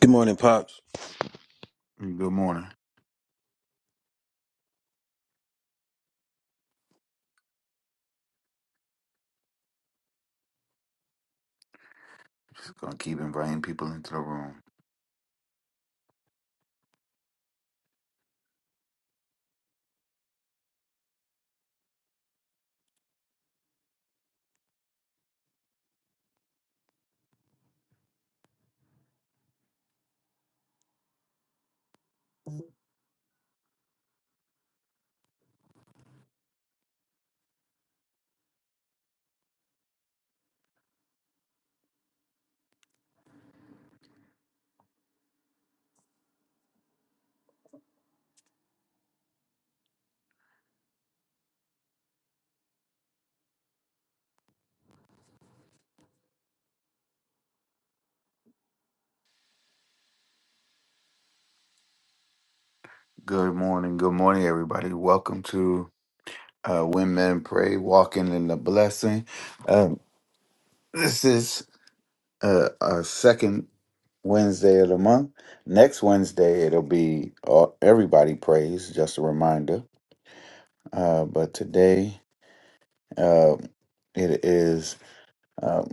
Good morning, Pops. Good morning. Just gonna keep inviting people into the room. Good morning, good morning, everybody. Welcome to uh, When Men Pray, Walking in the Blessing. Um, this is uh, our second Wednesday of the month. Next Wednesday, it'll be uh, Everybody Prays, just a reminder. Uh, but today, uh, it is um,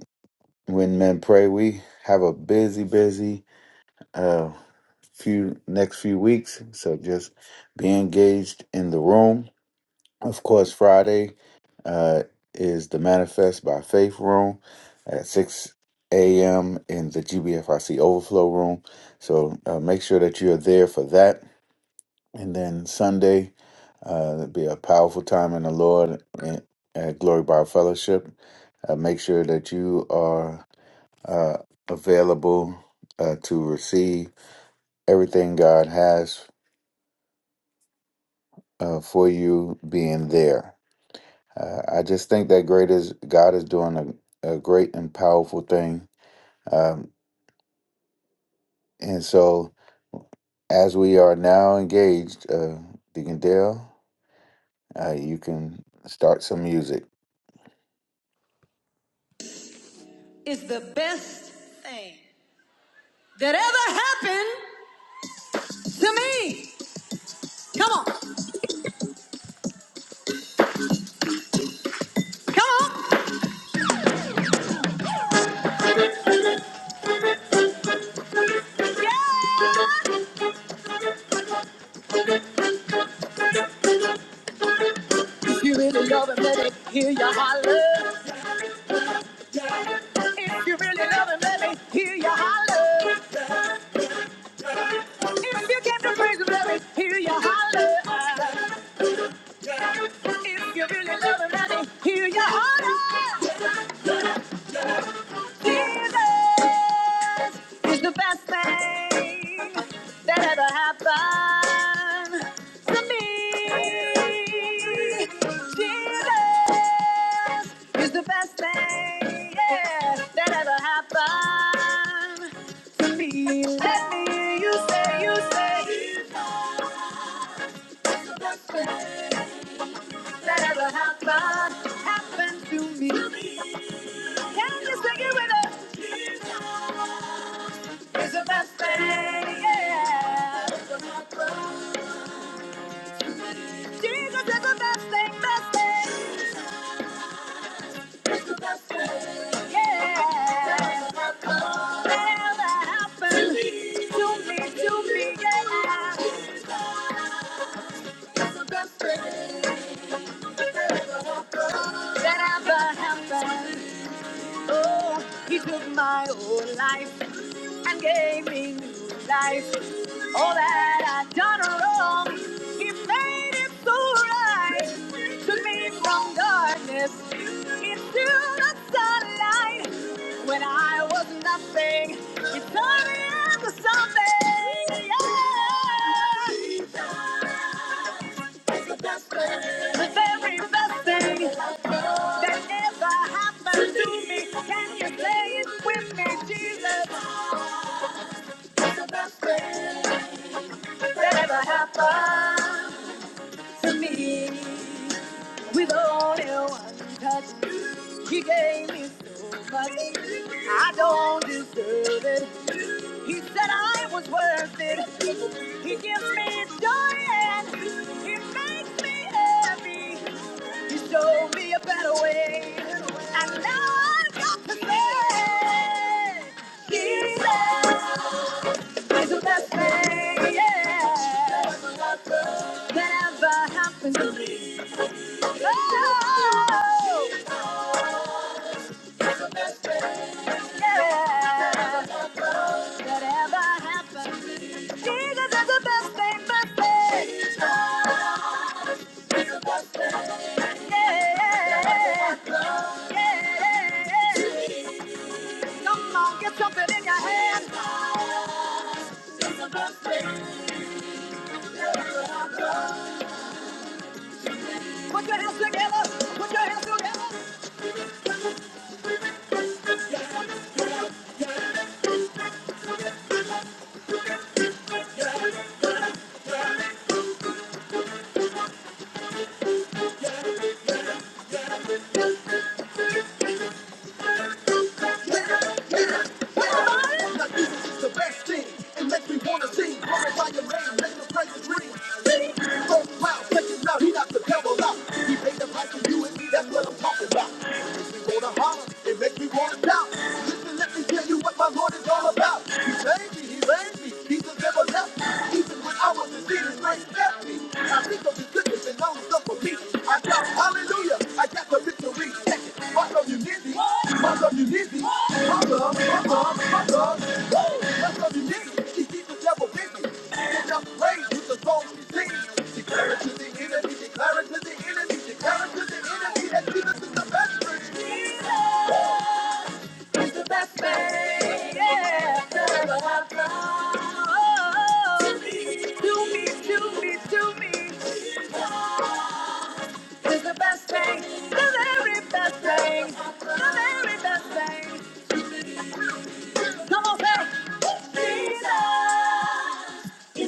When Men Pray. We have a busy, busy uh, few next few weeks. So just be engaged in the room. Of course, Friday uh, is the Manifest by Faith room at six a.m. in the GBFIC Overflow room. So uh, make sure that you're there for that. And then Sunday, uh, it'll be a powerful time in the Lord and at Glory Bar Fellowship. Uh, make sure that you are uh, available uh, to receive everything God has uh, for you being there. Uh, I just think that great is God is doing a, a great and powerful thing. Um, and so, as we are now engaged, uh, Deacon Dale, uh, you can start some music. is the best thing that ever happened to me. Come on, come on. If you really love him, let me hear you holler. If you really love him, let me hear you holler. If you give him praise, let me hear you holler. If you really love him, let me hear you holler. Jesus is the best thing that ever happened to me. Jesus is the best thing yeah, that ever happened to me. Let me, you say, you say, Jesus is the best thing that ever happened, happened to me. Can you sing it with us? It's the best thing, yeah. Jesus is the best thing, best thing. He's the best thing. Yeah. Never happened to me, to me, yeah. He's the best thing that ever happened. Oh, he took my whole life. and gave me new life. All that I'd done wrong, He made it so right. Took me from darkness into the sunlight. When I was nothing, He turned me into something. Yeah. The very best thing that ever happened to me. Can you say it with me, Jesus? The best thing. Whatever happened to me, with only one touch, he gave me so much. I don't deserve it. He said I was worth it. He gives me joy and he makes me happy. He showed me a better way, and now I've got to say, Jesus is the best thing. Yeah. Whatever happens to me, oh, yeah. Whatever happens, to me. Jesus is the best thing, best thing. Jesus is the best thing. Yeah, yeah. Come on, get something in your hand. Put your hands together. Put your hands together. He saved me, he raised me, he's the devil left. Even when I was in sin, his grace yeah left me. I think of the goodness and all the stuff for me. I got hallelujah. I got the victory. Check it. My love, you need me. My love, you need me. My love, my love, my love. Woo! My love, you need me. She keeps the devil busy. Send just praise with the songs she sings. Declare it to the enemy. Declare it to the enemy. Declare it to the enemy that Jesus is the best friend. Jesus. He's the best thing yeah, that ever happened To me, to me, to me, to me. Jesus is the best thing, the very best thing, the very best thing. Come on, say, Jesus,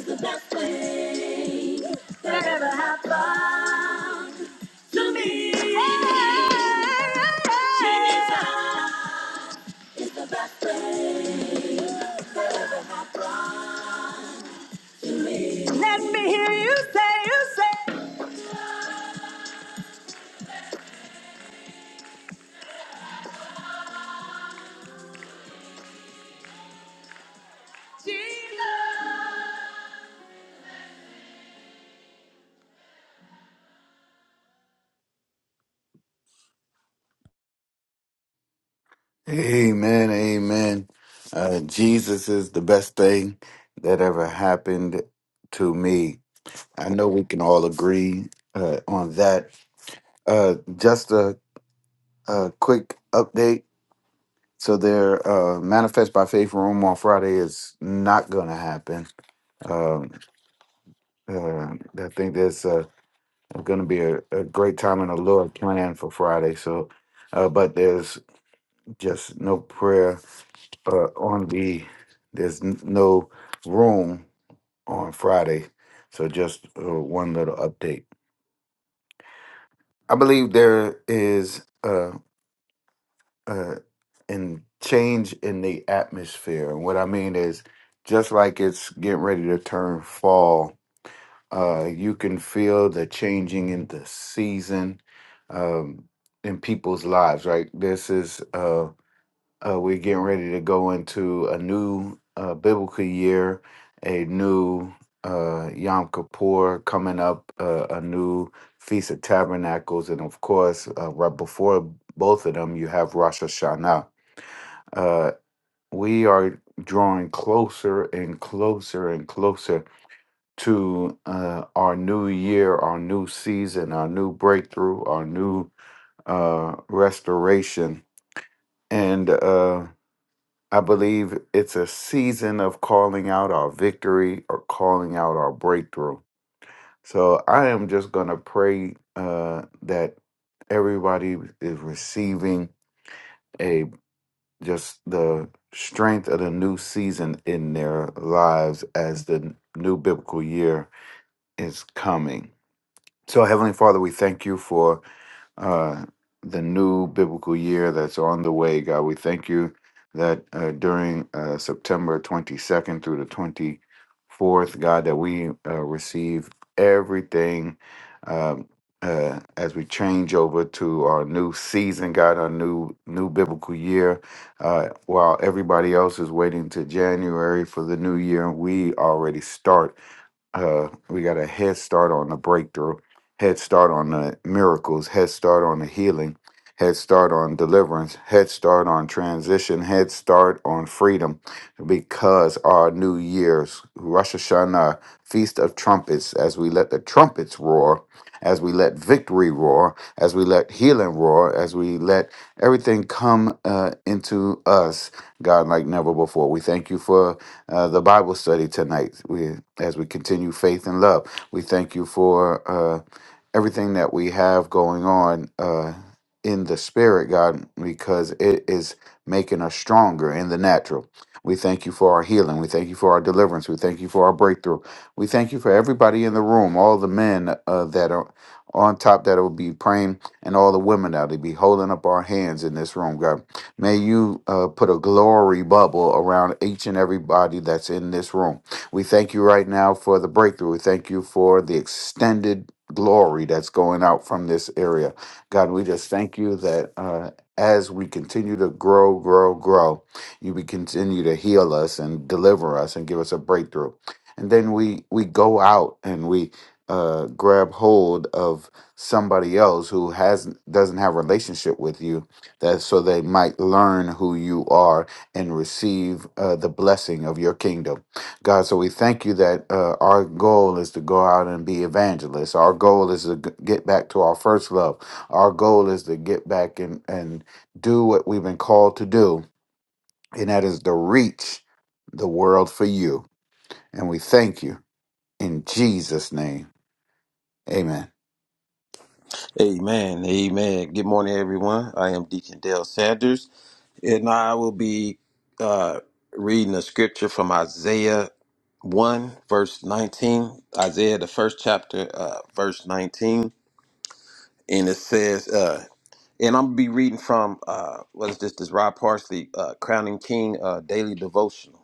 the best thing that ever happened to me. Hey, Jesus. Let me hear you say, you say, Jesus. Amen, amen. Uh, Jesus is the best thing that ever happened to me. I know we can all agree uh, on that. Uh, just a, a quick update. So, their uh, Manifest by Faith room on Friday is not going to happen. Um, uh, I think there's uh, going to be a, a great time in the Lord plan for Friday. So, uh, but there's just no prayer uh, on the there's n- no room on Friday, so just uh, one little update. I believe there is a, a in change in the atmosphere, and what I mean is just like it's getting ready to turn fall. Uh, you can feel the changing in the season um, in people's lives, right? This is Uh, Uh, we're getting ready to go into a new uh, biblical year, a new uh, Yom Kippur coming up, uh, a new Feast of Tabernacles, and of course, uh, right before both of them, you have Rosh Hashanah. Uh, we are drawing closer and closer and closer to uh, our new year, our new season, our new breakthrough, our new uh, restoration. And uh, I believe it's a season of calling out our victory or calling out our breakthrough. So I am just going to pray uh, that everybody is receiving a just the strength of the new season in their lives as the new biblical year is coming. So Heavenly Father, we thank you for uh, the new biblical year that's on the way, God. We thank you that uh, during uh, September 22nd through the 24th, God, that we uh, receive everything um, uh, as we change over to our new season, God, our new new biblical year. Uh, while everybody else is waiting to January for the new year, we already start uh, we got a head start on the breakthrough, head start on the miracles, head start on the healing, head start on deliverance, head start on transition, head start on freedom, because our New Year's Rosh Hashanah feast of trumpets, as we let the trumpets roar, as we let victory roar, as we let healing roar, as we let everything come uh, into us, God, like never before. We thank you for uh, the Bible study tonight. We, as we continue faith and love, we thank you for uh, everything that we have going on uh, in the spirit, God, because it is making us stronger in the natural. We thank you for our healing. We thank you for our deliverance. We thank you for our breakthrough. We thank you for everybody in the room, all the men uh, that are on top that will be praying, and all the women that will be holding up our hands in this room, God. May you uh, put a glory bubble around each and everybody that's in this room. We thank you right now for the breakthrough. We thank you for the extended glory that's going out from this area. God, we just thank you that uh, as we continue to grow, grow, grow, you we continue to heal us and deliver us and give us a breakthrough. And then we we go out and we uh, grab hold of somebody else who has doesn't have a relationship with you that so they might learn who you are and receive uh, the blessing of your kingdom. God, so we thank you that uh, our goal is to go out and be evangelists. Our goal is to g- get back to our first love. Our goal is to get back and, and do what we've been called to do, and that is to reach the world for you. And we thank you in Jesus' name. Amen. Amen. Amen. Good morning, everyone. I am Deacon Dale Sanders, and I will be uh, reading a scripture from Isaiah 1, verse 19. Isaiah, the first chapter, uh, verse 19. And it says, uh, and I'm going to be reading from, uh, what is this? This Rob Parsley, uh, Crowning King uh, Daily Devotional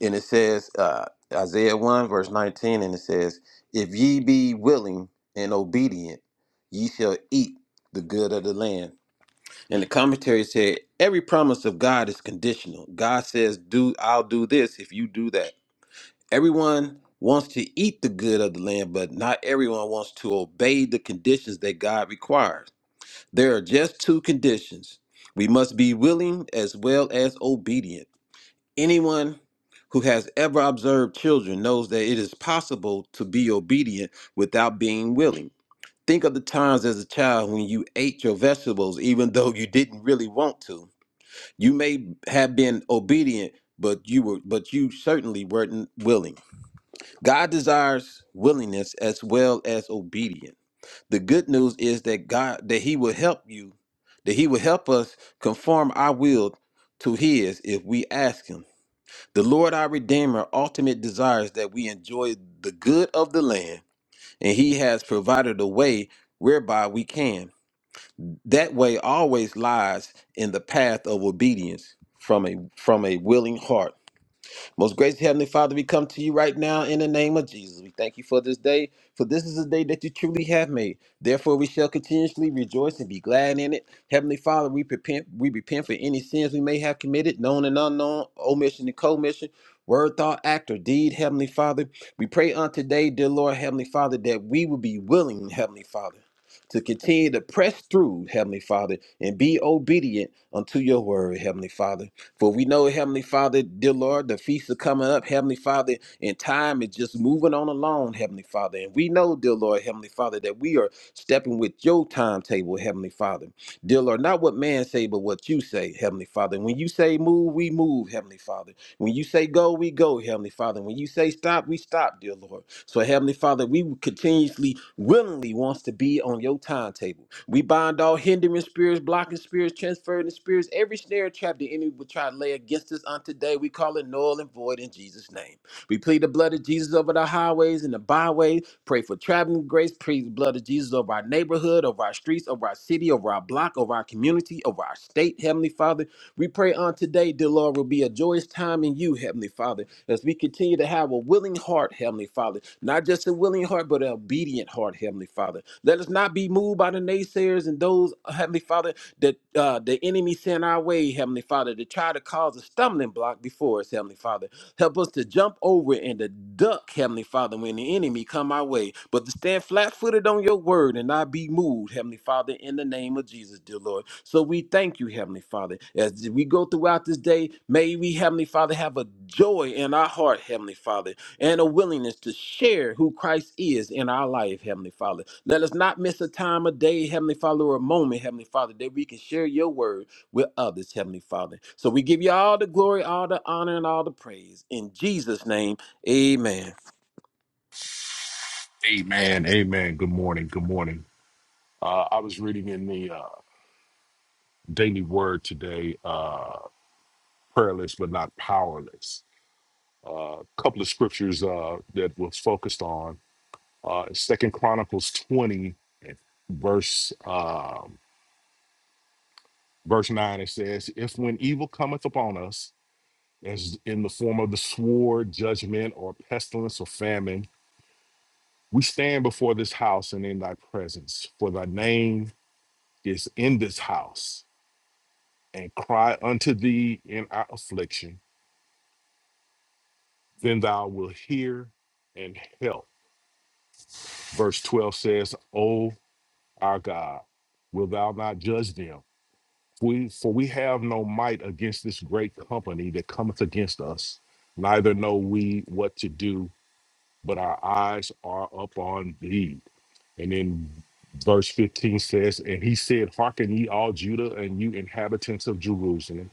and it says uh, Isaiah 1 verse 19 and it says if ye be willing and obedient ye shall eat the good of the land and the commentary said every promise of God is conditional God says do I'll do this if you do that everyone wants to eat the good of the land but not everyone wants to obey the conditions that God requires there are just two conditions we must be willing as well as obedient Anyone who has ever observed children knows that it is possible to be obedient without being willing. Think of the times as a child when you ate your vegetables even though you didn't really want to. You may have been obedient, but you were but you certainly weren't willing. God desires willingness as well as obedience. The good news is that God that he will help you, that he will help us conform our will to his if we ask him. The Lord our Redeemer ultimate desires that we enjoy the good of the land, and He has provided a way whereby we can. That way always lies in the path of obedience from a from a willing heart. Most gracious Heavenly Father, we come to you right now in the name of Jesus. We thank you for this day, for this is a day that you truly have made. Therefore, we shall continuously rejoice and be glad in it. Heavenly Father, we repent, we repent for any sins we may have committed, known and unknown, omission and commission, word, thought, act, or deed, Heavenly Father. We pray on today, dear Lord, Heavenly Father, that we will be willing, Heavenly Father, to continue to press through, Heavenly Father, and be obedient unto your word, Heavenly Father. For we know, Heavenly Father, dear Lord, the feasts are coming up, Heavenly Father, and time is just moving on along, Heavenly Father. And we know, dear Lord, Heavenly Father, that we are stepping with your timetable, Heavenly Father. Dear Lord, not what man say, but what you say, Heavenly Father. And when you say move, we move, Heavenly Father. When you say go, we go, Heavenly Father. When you say stop, we stop, dear Lord. So, Heavenly Father, we continuously, willingly wants to be on your timetable. We bind all hindering spirits, blocking spirits, transferring spirits, every snare trap the enemy would try to lay against us on today. We call it null and void in Jesus' name. We plead the blood of Jesus over the highways and the byways. Pray for traveling grace. Plead the blood of Jesus over our neighborhood, over our streets, over our city, over our block, over our community, over our state, Heavenly Father. We pray on today, dear Lord, will be a joyous time in you, Heavenly Father, as we continue to have a willing heart, Heavenly Father. Not just a willing heart, but an obedient heart, Heavenly Father. Let us not us not be moved by the naysayers and those, uh, Heavenly Father, that uh, the enemy sent our way, Heavenly Father, to try to cause a stumbling block before us, Heavenly Father. Help us to jump over and to duck, Heavenly Father, when the enemy come our way, but to stand flat-footed on your word and not be moved, Heavenly Father, in the name of Jesus, dear Lord. So we thank you, Heavenly Father, as we go throughout this day, may we, Heavenly Father, have a joy in our heart, Heavenly Father, and a willingness to share who Christ is in our life, Heavenly Father. Let us not miss a time a day, Heavenly Father, or a moment, Heavenly Father, that we can share your word with others, Heavenly Father. So we give you all the glory, all the honor, and all the praise. In Jesus' name, amen. Amen. Amen. Good morning. Good morning. Uh, I was reading in the uh, Daily Word today, uh, prayerless but not powerless. Uh, A couple of scriptures uh, that was focused on uh, Second Chronicles twenty, verse um, verse nine. It says, "If when evil cometh upon us, as in the form of the sword, judgment, or pestilence, or famine, we stand before this house and in thy presence, for thy name is in this house." and cry unto thee in our affliction, then thou wilt hear and help. Verse 12 says, O our God, wilt thou not judge them? We, for we have no might against this great company that cometh against us, neither know we what to do, but our eyes are upon thee. And then verse 15 says, And he said, Hearken ye all Judah and you inhabitants of Jerusalem,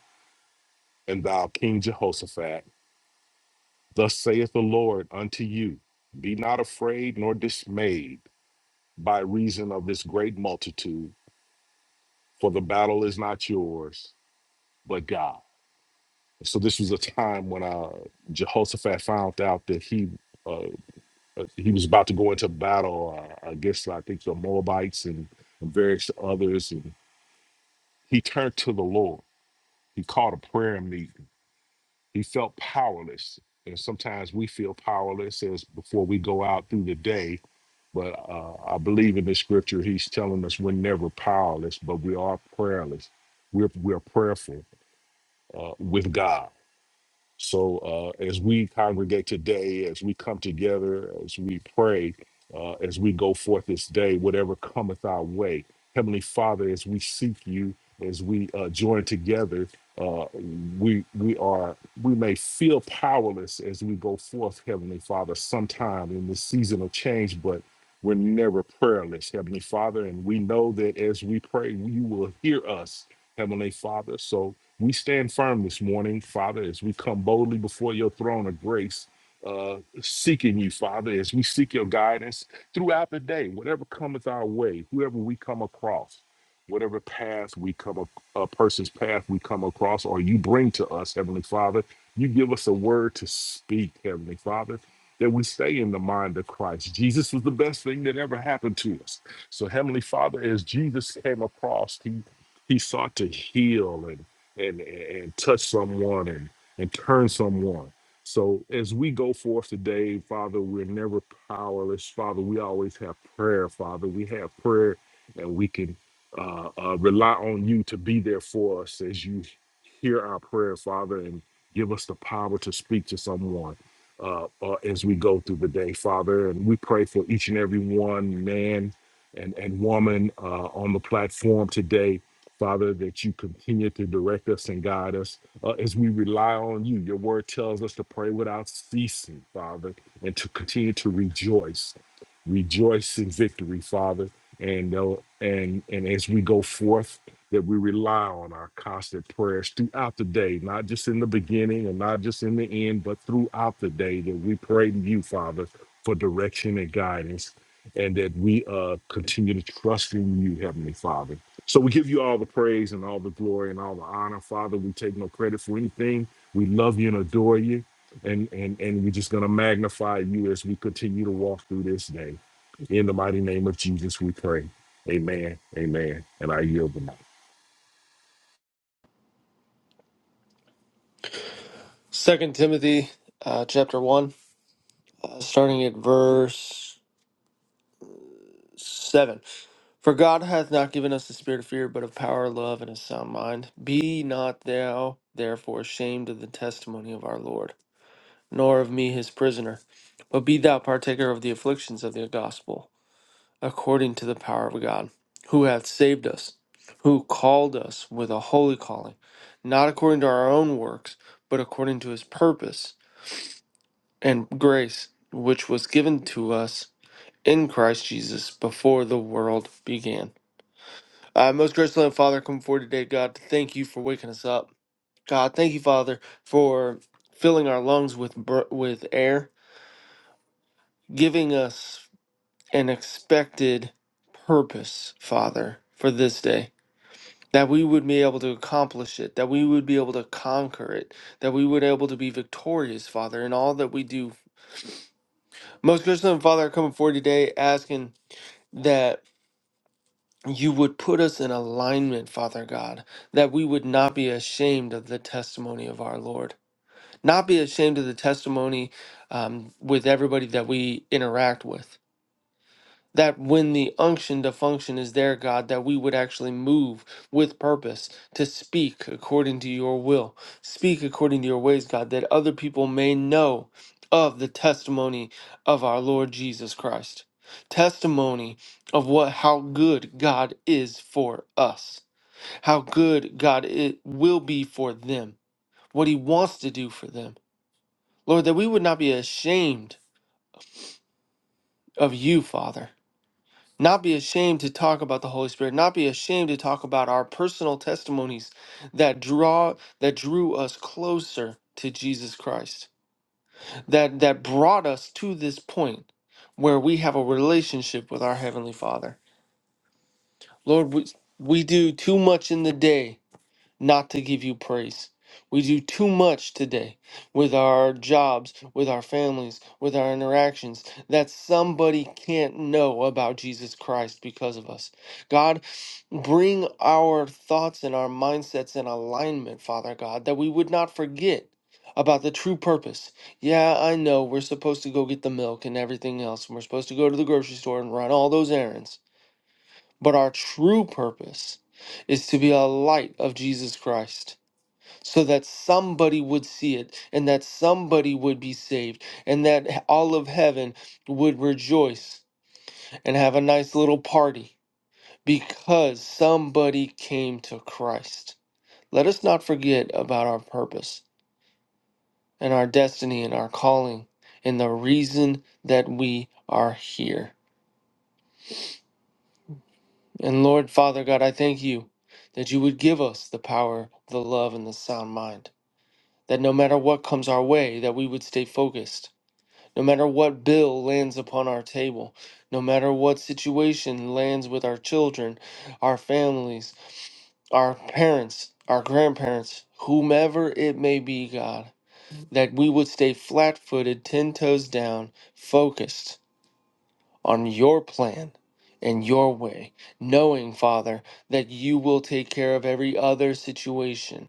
and thou King Jehoshaphat. Thus saith the Lord unto you Be not afraid nor dismayed by reason of this great multitude, for the battle is not yours, but God. So this was a time when uh, Jehoshaphat found out that he uh, uh, he was about to go into battle uh, against, I think, the Moabites and, and various others, and he turned to the Lord. He called a prayer meeting. He felt powerless, and sometimes we feel powerless as before we go out through the day But uh, I believe in the scripture, he's telling us we're never powerless, but we are prayerless. We're, we're prayerful uh, with God so uh, as we congregate today, as we come together, as we pray, uh, as we go forth this day, whatever cometh our way, Heavenly Father, as we seek you, as we uh, join together, uh, we we are we may feel powerless as we go forth, Heavenly Father, sometime in this season of change, but we're never prayerless, Heavenly Father, and we know that as we pray, you will hear us, Heavenly Father. So we stand firm this morning, Father, as we come boldly before your throne of grace, uh, seeking you, Father, as we seek your guidance throughout the day, whatever cometh our way, whoever we come across, whatever path we come, ac- a person's path we come across, or you bring to us, Heavenly Father, you give us a word to speak, Heavenly Father. That we stay in the mind of Christ. Jesus was the best thing that ever happened to us. So, Heavenly Father, as Jesus came across, He he sought to heal and, and and touch someone and and turn someone. So as we go forth today, Father, we're never powerless. Father, we always have prayer. Father, we have prayer, and we can uh, uh, rely on you to be there for us as you hear our prayer, Father, and give us the power to speak to someone uh, uh, as we go through the day, Father. And we pray for each and every one, man and and woman uh, on the platform today Father, that you continue to direct us and guide us uh, as we rely on you. Your word tells us to pray without ceasing, Father, and to continue to rejoice. Rejoice in victory, Father. And, uh, and, and as we go forth, that we rely on our constant prayers throughout the day, not just in the beginning and not just in the end, but throughout the day, that we pray to you, Father, for direction and guidance, and that we uh, continue to trust in you, Heavenly Father so we give you all the praise and all the glory and all the honor, Father. We take no credit for anything. We love you and adore you. And and and we're just gonna magnify you as we continue to walk through this day. In the mighty name of Jesus, we pray. Amen. Amen. And I yield the mic. Second Timothy uh, chapter 1, uh, starting at verse 7. For God hath not given us the spirit of fear, but of power, love, and a sound mind. Be not thou therefore ashamed of the testimony of our Lord, nor of me his prisoner, but be thou partaker of the afflictions of the gospel, according to the power of God, who hath saved us, who called us with a holy calling, not according to our own works, but according to his purpose and grace which was given to us in Christ Jesus before the world began. Uh, most gracious Lord, Father, come forward today, God, to thank you for waking us up. God, thank you, Father, for filling our lungs with br- with air, giving us an expected purpose, Father, for this day. That we would be able to accomplish it, that we would be able to conquer it, that we would be able to be victorious, Father, in all that we do. Most gracious Lord, Father, I come forward today, asking that you would put us in alignment, Father God, that we would not be ashamed of the testimony of our Lord, not be ashamed of the testimony um, with everybody that we interact with that when the unction to function is there, God, that we would actually move with purpose to speak according to your will, speak according to your ways, God, that other people may know of the testimony of our Lord Jesus Christ. Testimony of what how good God is for us, how good God it will be for them, what He wants to do for them. Lord, that we would not be ashamed of you, Father not be ashamed to talk about the holy spirit not be ashamed to talk about our personal testimonies that draw that drew us closer to jesus christ that that brought us to this point where we have a relationship with our heavenly father lord we, we do too much in the day not to give you praise. We do too much today with our jobs, with our families, with our interactions that somebody can't know about Jesus Christ because of us. God, bring our thoughts and our mindsets in alignment, Father God, that we would not forget about the true purpose. Yeah, I know we're supposed to go get the milk and everything else, and we're supposed to go to the grocery store and run all those errands, but our true purpose is to be a light of Jesus Christ so that somebody would see it and that somebody would be saved and that all of heaven would rejoice and have a nice little party because somebody came to Christ. Let us not forget about our purpose and our destiny and our calling and the reason that we are here. And Lord Father God, I thank you that you would give us the power, the love and the sound mind. That no matter what comes our way, that we would stay focused No matter what bill lands upon our table, no matter what situation lands with our children, our families, our parents, our grandparents, whomever it may be, God, that we would stay flat footed, ten toes down, focused on your plan and your way, knowing, Father, that you will take care of every other situation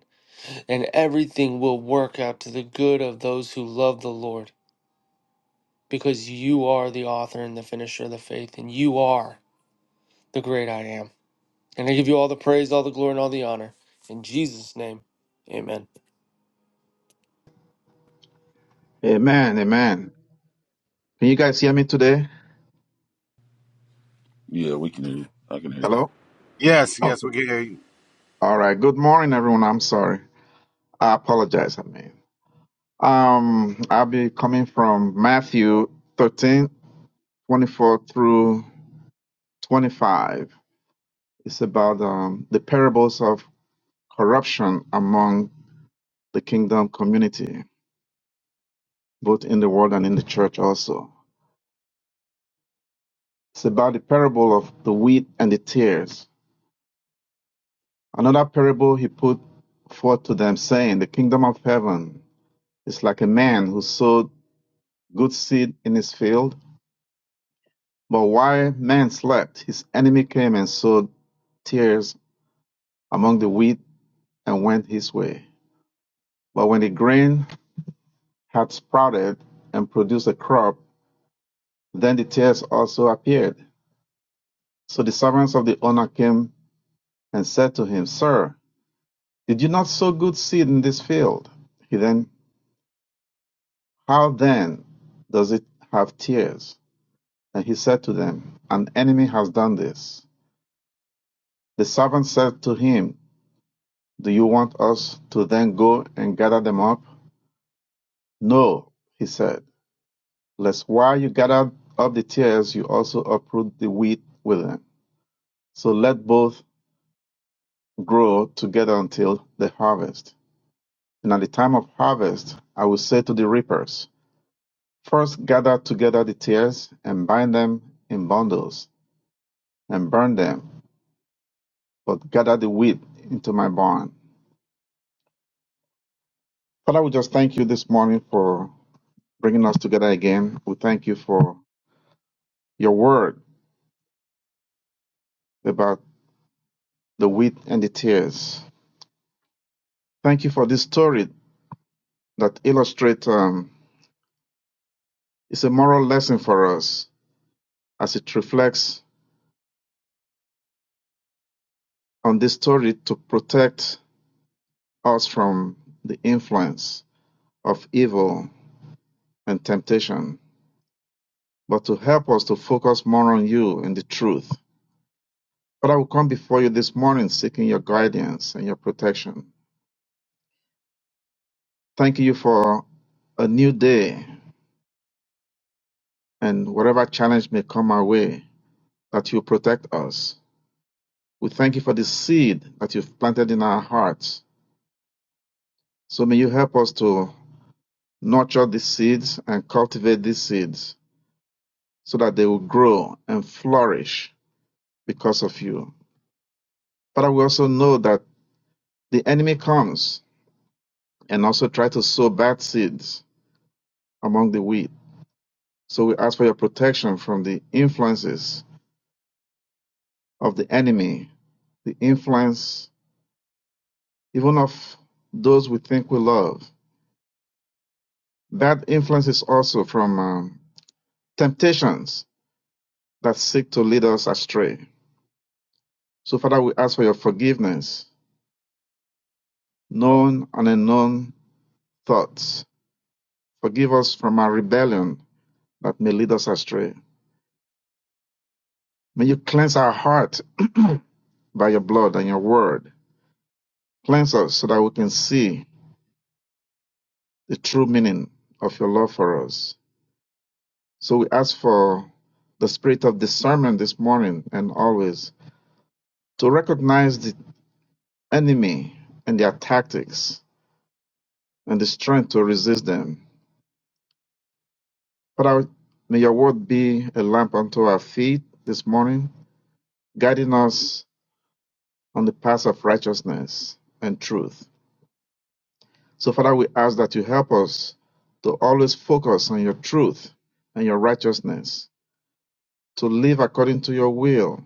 and everything will work out to the good of those who love the Lord because you are the author and the finisher of the faith, and you are the great I am. And I give you all the praise, all the glory, and all the honor. In Jesus' name, amen. Amen. Amen. Can you guys hear me today? Yeah, we can hear you. I can hear Hello? Yes, yes, Okay. we can hear you. All right. Good morning, everyone. I'm sorry. I apologize. I mean, um, I'll be coming from Matthew 13:24 through 25. It's about um, the parables of corruption among the kingdom community, both in the world and in the church also. It's about the parable of the wheat and the tares. Another parable he put forth to them, saying, The kingdom of heaven It's like a man who sowed good seed in his field, but while man slept, his enemy came and sowed tares among the wheat and went his way. But when the grain had sprouted and produced a crop, then the tares also appeared. So the servants of the owner came and said to him, Sir, did you not sow good seed in this field? He then, How then does it have tares? And he said to them, An enemy has done this. The servant said to him, Do you want us to then go and gather them up? No, he said, lest while you gather up the tares, you also uproot the wheat with them. So let both grow together until the harvest. And at the time of harvest, I will say to the reapers, First gather together the tares and bind them in bundles and burn them, but gather the wheat into my barn. Father, we just thank you this morning for bringing us together again. We thank you for your word about the wheat and the tears. Thank you for this story that illustrates um, it's a moral lesson for us as it reflects on this story to protect us from the influence of evil and temptation, but to help us to focus more on you and the truth. But I will come before you this morning seeking your guidance and your protection. Thank you for a new day and whatever challenge may come our way, that you protect us. We thank you for the seed that you've planted in our hearts. So may you help us to nurture these seeds and cultivate these seeds so that they will grow and flourish because of you. But we also know that the enemy comes and also tries to sow bad seeds among the wheat. So we ask for your protection from the influences of the enemy, the influence even of those we think we love That influence is also from um, temptations that seek to lead us astray. So, Father, we ask for your forgiveness, known and unknown thoughts. Forgive us from our rebellion that may lead us astray. May you cleanse our heart by your blood and your word. Cleanse us so that we can see the true meaning of your love for us. So, we ask for the spirit of discernment this morning and always to recognize the enemy and their tactics and the strength to resist them. Father, may your word be a lamp unto our feet this morning, guiding us on the path of righteousness and truth. So, Father, we ask that you help us to always focus on your truth and your righteousness, to live according to your will.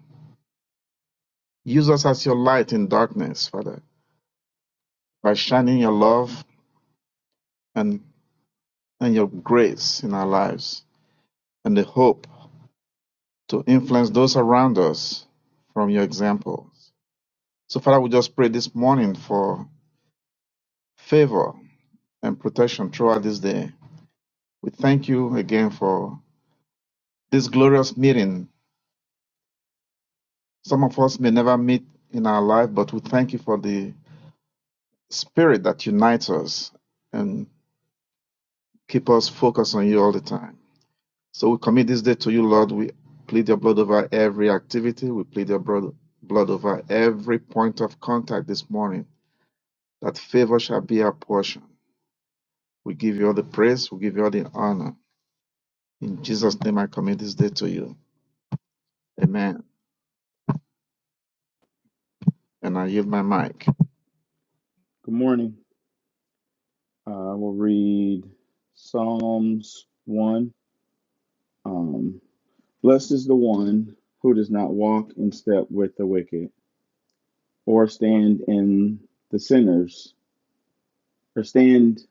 Use us as your light in darkness, Father, by shining your love and, and your grace in our lives and the hope to influence those around us from your example. So, Father, we just pray this morning for favor and protection throughout this day. We thank you again for this glorious meeting. Some of us may never meet in our life, but we thank you for the spirit that unites us and keep us focused on you all the time. So we commit this day to you, Lord. We plead your blood over every activity. We plead your blood, blood over every point of contact this morning. That favor shall be our portion. We give you all the praise. We give you all the honor. In Jesus' name, I commit this day to you. Amen. And I yield my mic. Good morning. Uh, I will read Psalms 1. Um, Blessed is the one who does not walk in step with the wicked, or stand in the sinners, or stand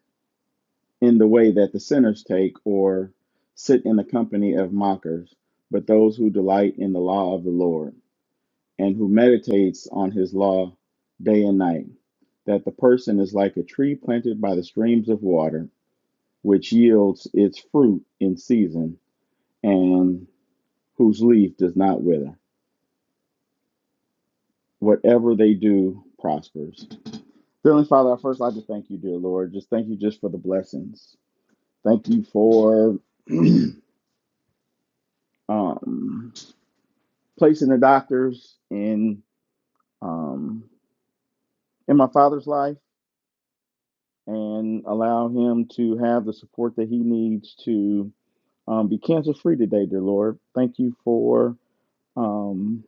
in the way that the sinners take, or sit in the company of mockers, but those who delight in the law of the Lord, and who meditates on his law day and night. That the person is like a tree planted by the streams of water which yields its fruit in season, and whose leaf does not wither. Whatever they do prospers. Heavenly Father, I first like to thank you, dear Lord. Just thank you just for the blessings. Thank you for um, placing the doctors in um, in my father's life and allow him to have the support that he needs to um, be cancer free today, dear Lord. Thank you for um,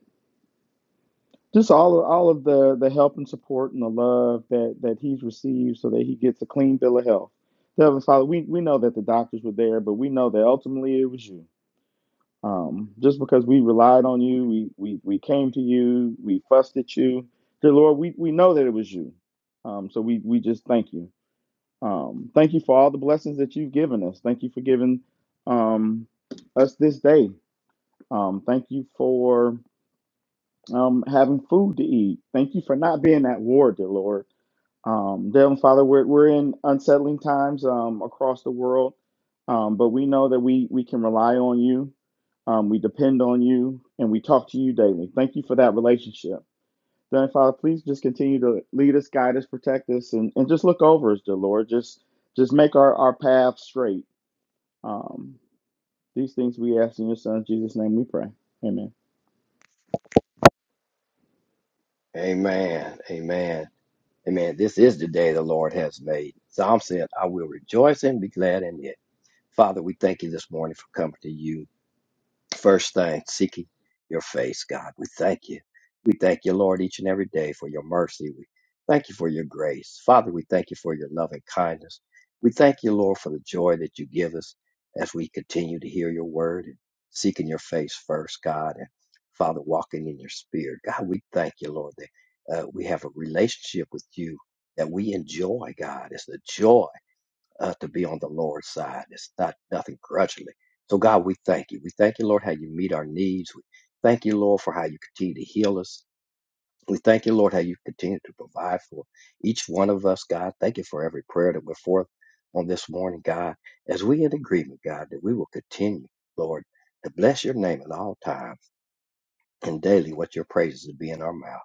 just all of, all of the the help and support and the love that that he's received so that he gets a clean bill of health So, heavenly father we we know that the doctors were there but we know that ultimately it was you um just because we relied on you we we, we came to you we fussed at you dear lord we we know that it was you um so we we just thank you um thank you for all the blessings that you've given us thank you for giving um us this day um thank you for um, having food to eat. Thank you for not being at war, dear Lord. Um, dear Heavenly Father, we're, we're in unsettling times um, across the world, um, but we know that we, we can rely on you. Um, we depend on you and we talk to you daily. Thank you for that relationship. Dear Heavenly Father, please just continue to lead us, guide us, protect us, and, and just look over us, dear Lord. Just just make our, our path straight. Um, these things we ask in your son, Jesus' name we pray. Amen. Amen. Amen. Amen. This is the day the Lord has made. Psalm said, I will rejoice and be glad in it. Father, we thank you this morning for coming to you. First thing, seeking your face, God. We thank you. We thank you, Lord, each and every day for your mercy. We thank you for your grace. Father, we thank you for your loving kindness. We thank you, Lord, for the joy that you give us as we continue to hear your word and seeking your face first, God. And Father, walking in your spirit. God, we thank you, Lord, that uh, we have a relationship with you that we enjoy, God. It's the joy uh, to be on the Lord's side. It's not nothing grudgingly. So God, we thank you. We thank you, Lord, how you meet our needs. We thank you, Lord, for how you continue to heal us. We thank you, Lord, how you continue to provide for each one of us, God. Thank you for every prayer that went forth on this morning, God. As we in agreement, God, that we will continue, Lord, to bless your name at all times and daily what your praises will be in our mouth.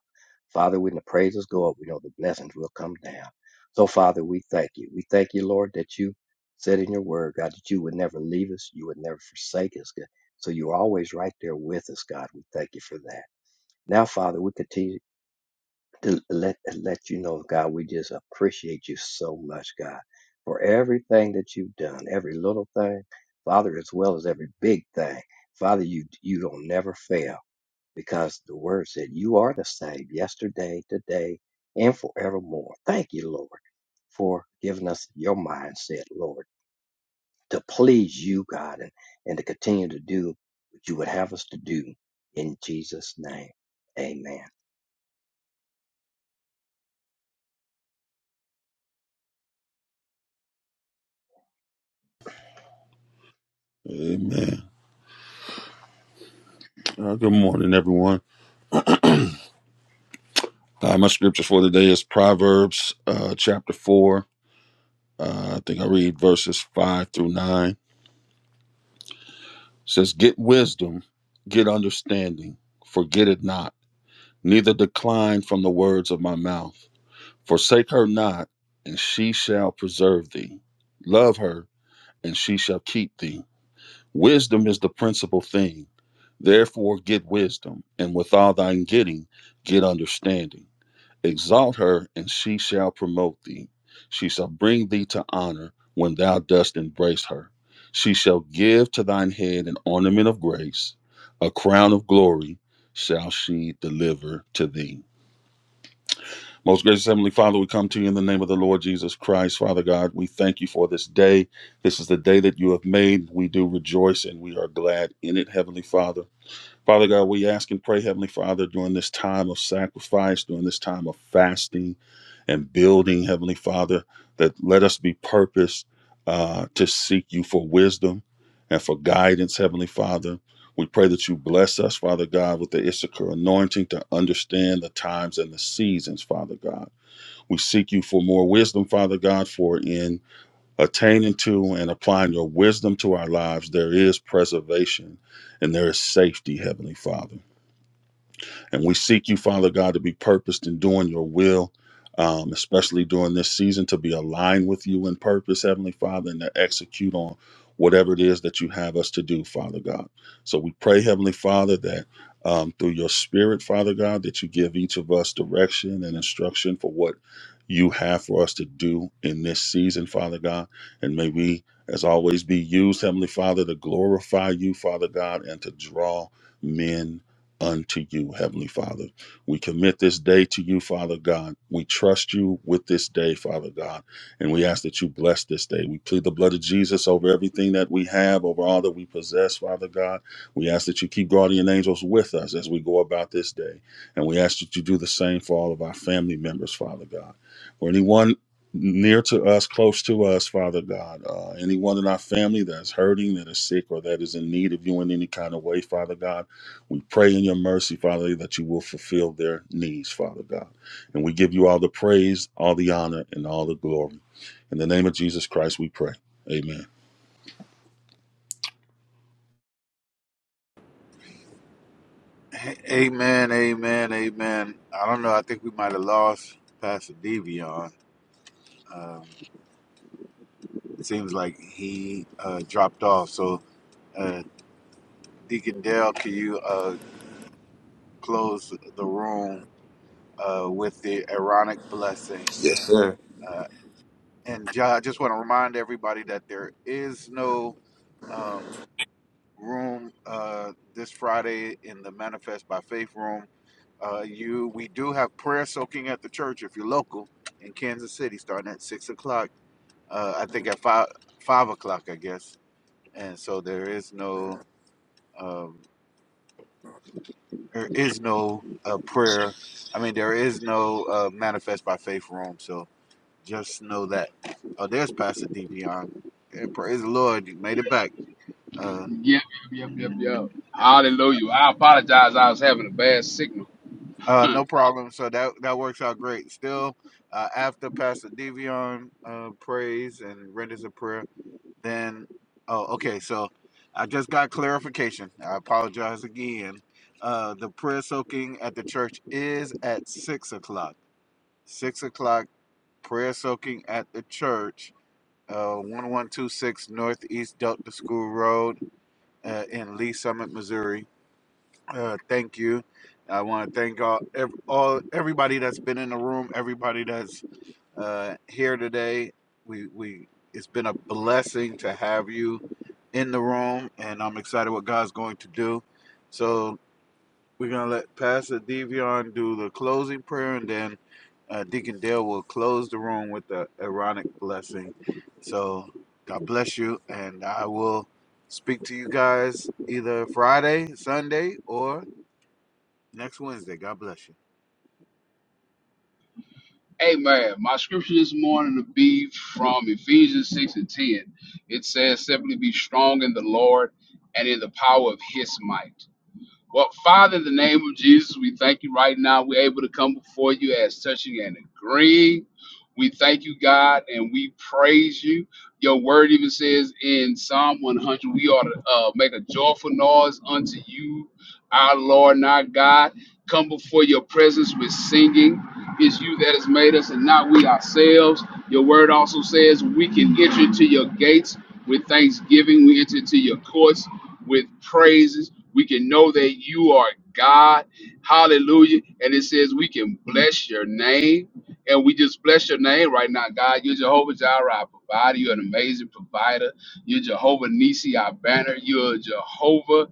Father, when the praises go up, we know the blessings will come down. So, Father, we thank you. We thank you, Lord, that you said in your word, God, that you would never leave us, you would never forsake us. God. So you're always right there with us, God. We thank you for that. Now, Father, we continue to let let you know, God, we just appreciate you so much, God, for everything that you've done, every little thing, Father, as well as every big thing. Father, you you don't never fail because the word said, You are the same yesterday, today, and forevermore. Thank you, Lord, for giving us your mindset, Lord, to please you, God, and, and to continue to do what you would have us to do. In Jesus' name, amen. you. Amen. Uh, good morning, everyone. Uh, my scripture for today is Proverbs uh, chapter 4. Uh, I think I read verses 5 through 9. It says, Get wisdom, get understanding, forget it not, neither decline from the words of my mouth. Forsake her not, and she shall preserve thee. Love her, and she shall keep thee. Wisdom is the principal thing Therefore, get wisdom, and with all thine getting, get understanding. Exalt her, and she shall promote thee. She shall bring thee to honor when thou dost embrace her. She shall give to thine head an ornament of grace, a crown of glory shall she deliver to thee. Most gracious Heavenly Father, we come to you in the name of the Lord Jesus Christ, Father God. We thank you for this day. This is the day that you have made. We do rejoice and we are glad in it, Heavenly Father. Father God, we ask and pray, Heavenly Father, during this time of sacrifice, during this time of fasting and building, Heavenly Father, that let us be purposed uh, to seek you for wisdom and for guidance, Heavenly Father. We pray that you bless us, Father God, with the Issachar anointing to understand the times and the seasons, Father God. We seek you for more wisdom, Father God, for in attaining to and applying your wisdom to our lives, there is preservation and there is safety, Heavenly Father. And we seek you, Father God, to be purposed in doing your will, um, especially during this season, to be aligned with you in purpose, Heavenly Father, and to execute on whatever it is that you have us to do, Father God. So we pray, Heavenly Father, that um, through your Spirit, Father God, that you give each of us direction and instruction for what you have for us to do in this season, Father God. And may we, as always, be used, Heavenly Father, to glorify you, Father God, and to draw men unto you, Heavenly Father. We commit this day to you, Father God. We trust you with this day, Father God, and we ask that you bless this day. We plead the blood of Jesus over everything that we have, over all that we possess, Father God. We ask that you keep guardian angels with us as we go about this day, and we ask that you do the same for all of our family members, Father God. For anyone near to us, close to us, Father God. Uh, anyone in our family that's hurting, that is sick, or that is in need of you in any kind of way, Father God. We pray in your mercy, Father, that you will fulfill their needs, Father God. And we give you all the praise, all the honor, and all the glory. In the name of Jesus Christ, we pray. Amen. A- Amen, amen, amen. I don't know. I think we might have lost Pastor Devion. Um, it seems like he uh, dropped off. So, uh, Deacon Dale, can you uh, close the room uh, with the Aaronic blessing? Uh, and John, I just want to remind everybody that there is no um, room uh, this Friday in the Manifest by Faith room Uh, you, we do have prayer soaking at the church if you're local in Kansas City, starting at six o'clock. Uh, I think at five five o'clock, I guess. And so there is no um, there is no uh, prayer. I mean, there is no uh, manifest by faith room. So just know that. Oh, there's Pastor Devion. Yeah, praise the Lord, you made it back. Uh, Yep, yep, yep, yep. Hallelujah. I apologize. I was having a bad signal. uh, no problem. So that that works out great. Still, uh, after Pastor Devion uh, prays and renders a prayer. Then, oh, okay. So I just got clarification. I apologize again. Uh, the prayer soaking at the church is at six o'clock. Six o'clock prayer soaking at the church, uh, one one two six Northeast Delta School Road uh, in Lee Summit, Missouri. Uh, thank you. I want to thank all, ev- all everybody that's been in the room, everybody that's uh, here today. We we it's been a blessing to have you in the room, and I'm excited what God's going to do. So we're gonna let Pastor Devion do the closing prayer, and then uh, Deacon Dale will close the room with the ironic blessing. So God bless you, and I will speak to you guys either Friday, Sunday, or next Wednesday. God bless you. Amen. My scripture this morning will be from Ephesians 6 and 10. It says, simply be strong in the Lord and in the power of his might. Well, Father, in the name of Jesus, we thank you right now. We're able to come before you as touching and agreeing. We thank you, God, and we praise you. Your word even says in Psalm 100, we ought to uh, make a joyful noise unto you, our Lord and our God. Come before your presence with singing. It's you that has made us and not we ourselves. Your word also says we can enter into your gates with thanksgiving. We enter into your courts with praises. We can know that you are God. Hallelujah. And it says we can bless your name. And we just bless your name right now, God. You're Jehovah Jireh, our provider. You're an amazing provider. You're Jehovah Nisi, our banner. You're Jehovah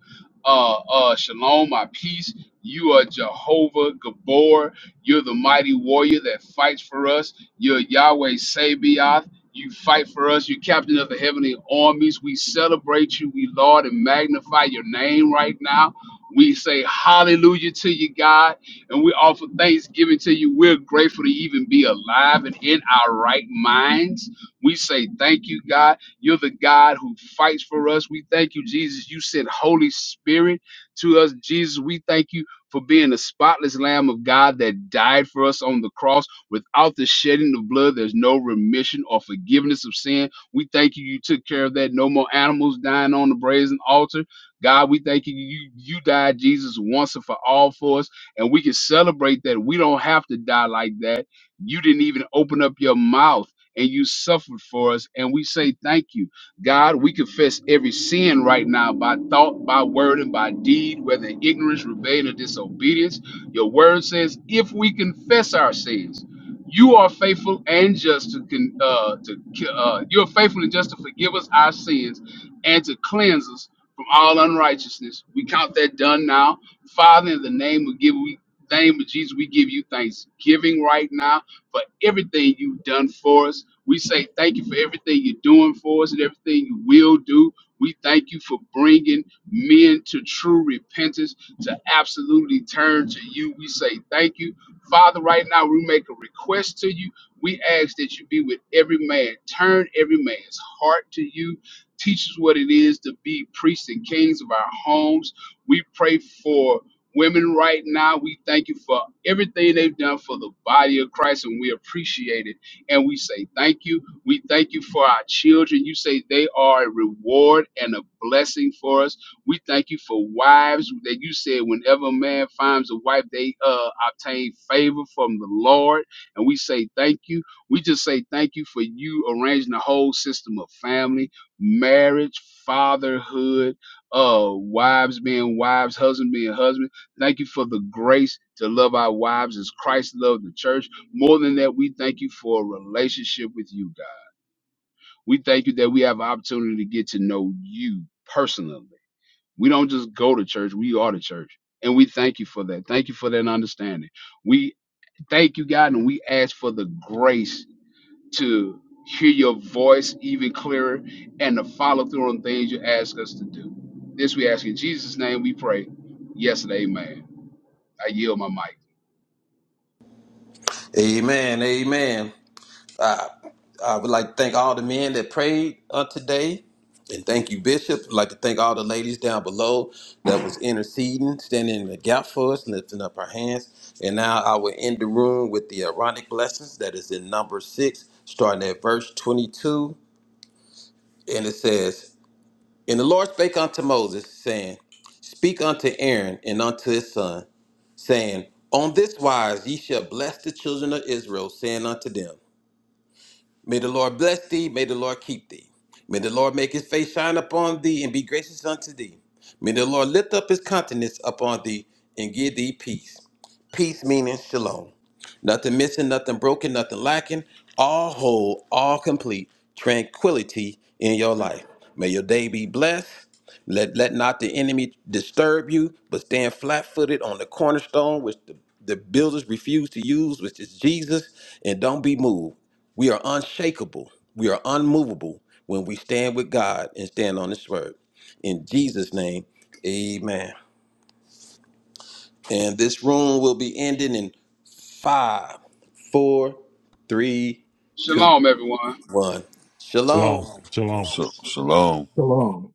uh, uh, Shalom, our peace. You are Jehovah Gabor. You're the mighty warrior that fights for us. You're Yahweh Sabaoth. You fight for us. You're captain of the heavenly armies. We celebrate you. We laud and magnify your name right now. We say hallelujah to you, God, and we offer thanksgiving to you. We're grateful to even be alive and in our right minds. We say thank you, God. You're the God who fights for us. We thank you, Jesus. You sent Holy Spirit to us, Jesus. We thank you for being the spotless Lamb of God that died for us on the cross. Without the shedding of blood, there's no remission or forgiveness of sin. We thank you, you took care of that. No more animals dying on the brazen altar. God, we thank you, you, you died, Jesus, once and for all for us. And we can celebrate that. We don't have to die like that. You didn't even open up your mouth and you suffered for us. And we say thank you. God, we confess every sin right now by thought, by word, and by deed, whether in ignorance, rebellion, or disobedience. Your word says, if we confess our sins, you are faithful and just to con, uh, to uh, you are faithful and just to forgive us our sins and to cleanse us from all unrighteousness. We count that done now, Father. In the name of give we name of Jesus, we give you thanksgiving right now for everything you've done for us. We say thank you for everything you're doing for us and everything you will do. We thank you for bringing men to true repentance, to absolutely turn to you. We say thank you. Father, right now we make a request to you. We ask that you be with every man, turn every man's heart to you. Teach us what it is to be priests and kings of our homes. We pray for women right now. We thank you for everything they've done for the body of Christ, and we appreciate it. And we say thank you. We thank you for our children. You say they are a reward and a blessing for us. We thank you for wives that you said whenever a man finds a wife, they uh, obtain favor from the Lord. And we say thank you. We just say thank you for you arranging the whole system of family, marriage, fatherhood, uh, wives being wives, husband being husband. Thank you for the grace to love our wives as Christ loved the church. More than that, we thank you for a relationship with you, God. We thank you that we have an opportunity to get to know you personally we don't just go to church, we are the church. And we thank you for that. Thank you for that understanding. We thank you, God, and we ask for the grace to hear your voice even clearer and to follow through on things you ask us to do. This we ask in Jesus' name we pray. Yes and amen. I yield my mic. Amen. Amen. I, I would like to thank all the men that prayed uh, today. And thank you, Bishop. I'd like to thank all the ladies down below that was interceding, standing in the gap for us, lifting up our hands. And now I will end the room with the Aaronic blessings that is in number six, starting at verse 22. And it says, And the Lord spake unto Moses, saying, Speak unto Aaron and unto his son, saying, On this wise ye shall bless the children of Israel, saying unto them, May the Lord bless thee. May the Lord keep thee. May the Lord make his face shine upon thee and be gracious unto thee. May the Lord lift up his countenance upon thee and give thee peace. Peace meaning shalom. Nothing missing, nothing broken, nothing lacking. All whole, all complete. Tranquility in your life. May your day be blessed. Let let not the enemy disturb you, but stand flat footed on the cornerstone which the, the builders refuse to use, which is Jesus, and don't be moved. We are unshakable. We are unmovable when we stand with God and stand on his word. In Jesus' name, amen. And this room will be ending in five, four, three, two, Shalom, everyone. one. Shalom. Shalom. Shalom. So, shalom. Shalom.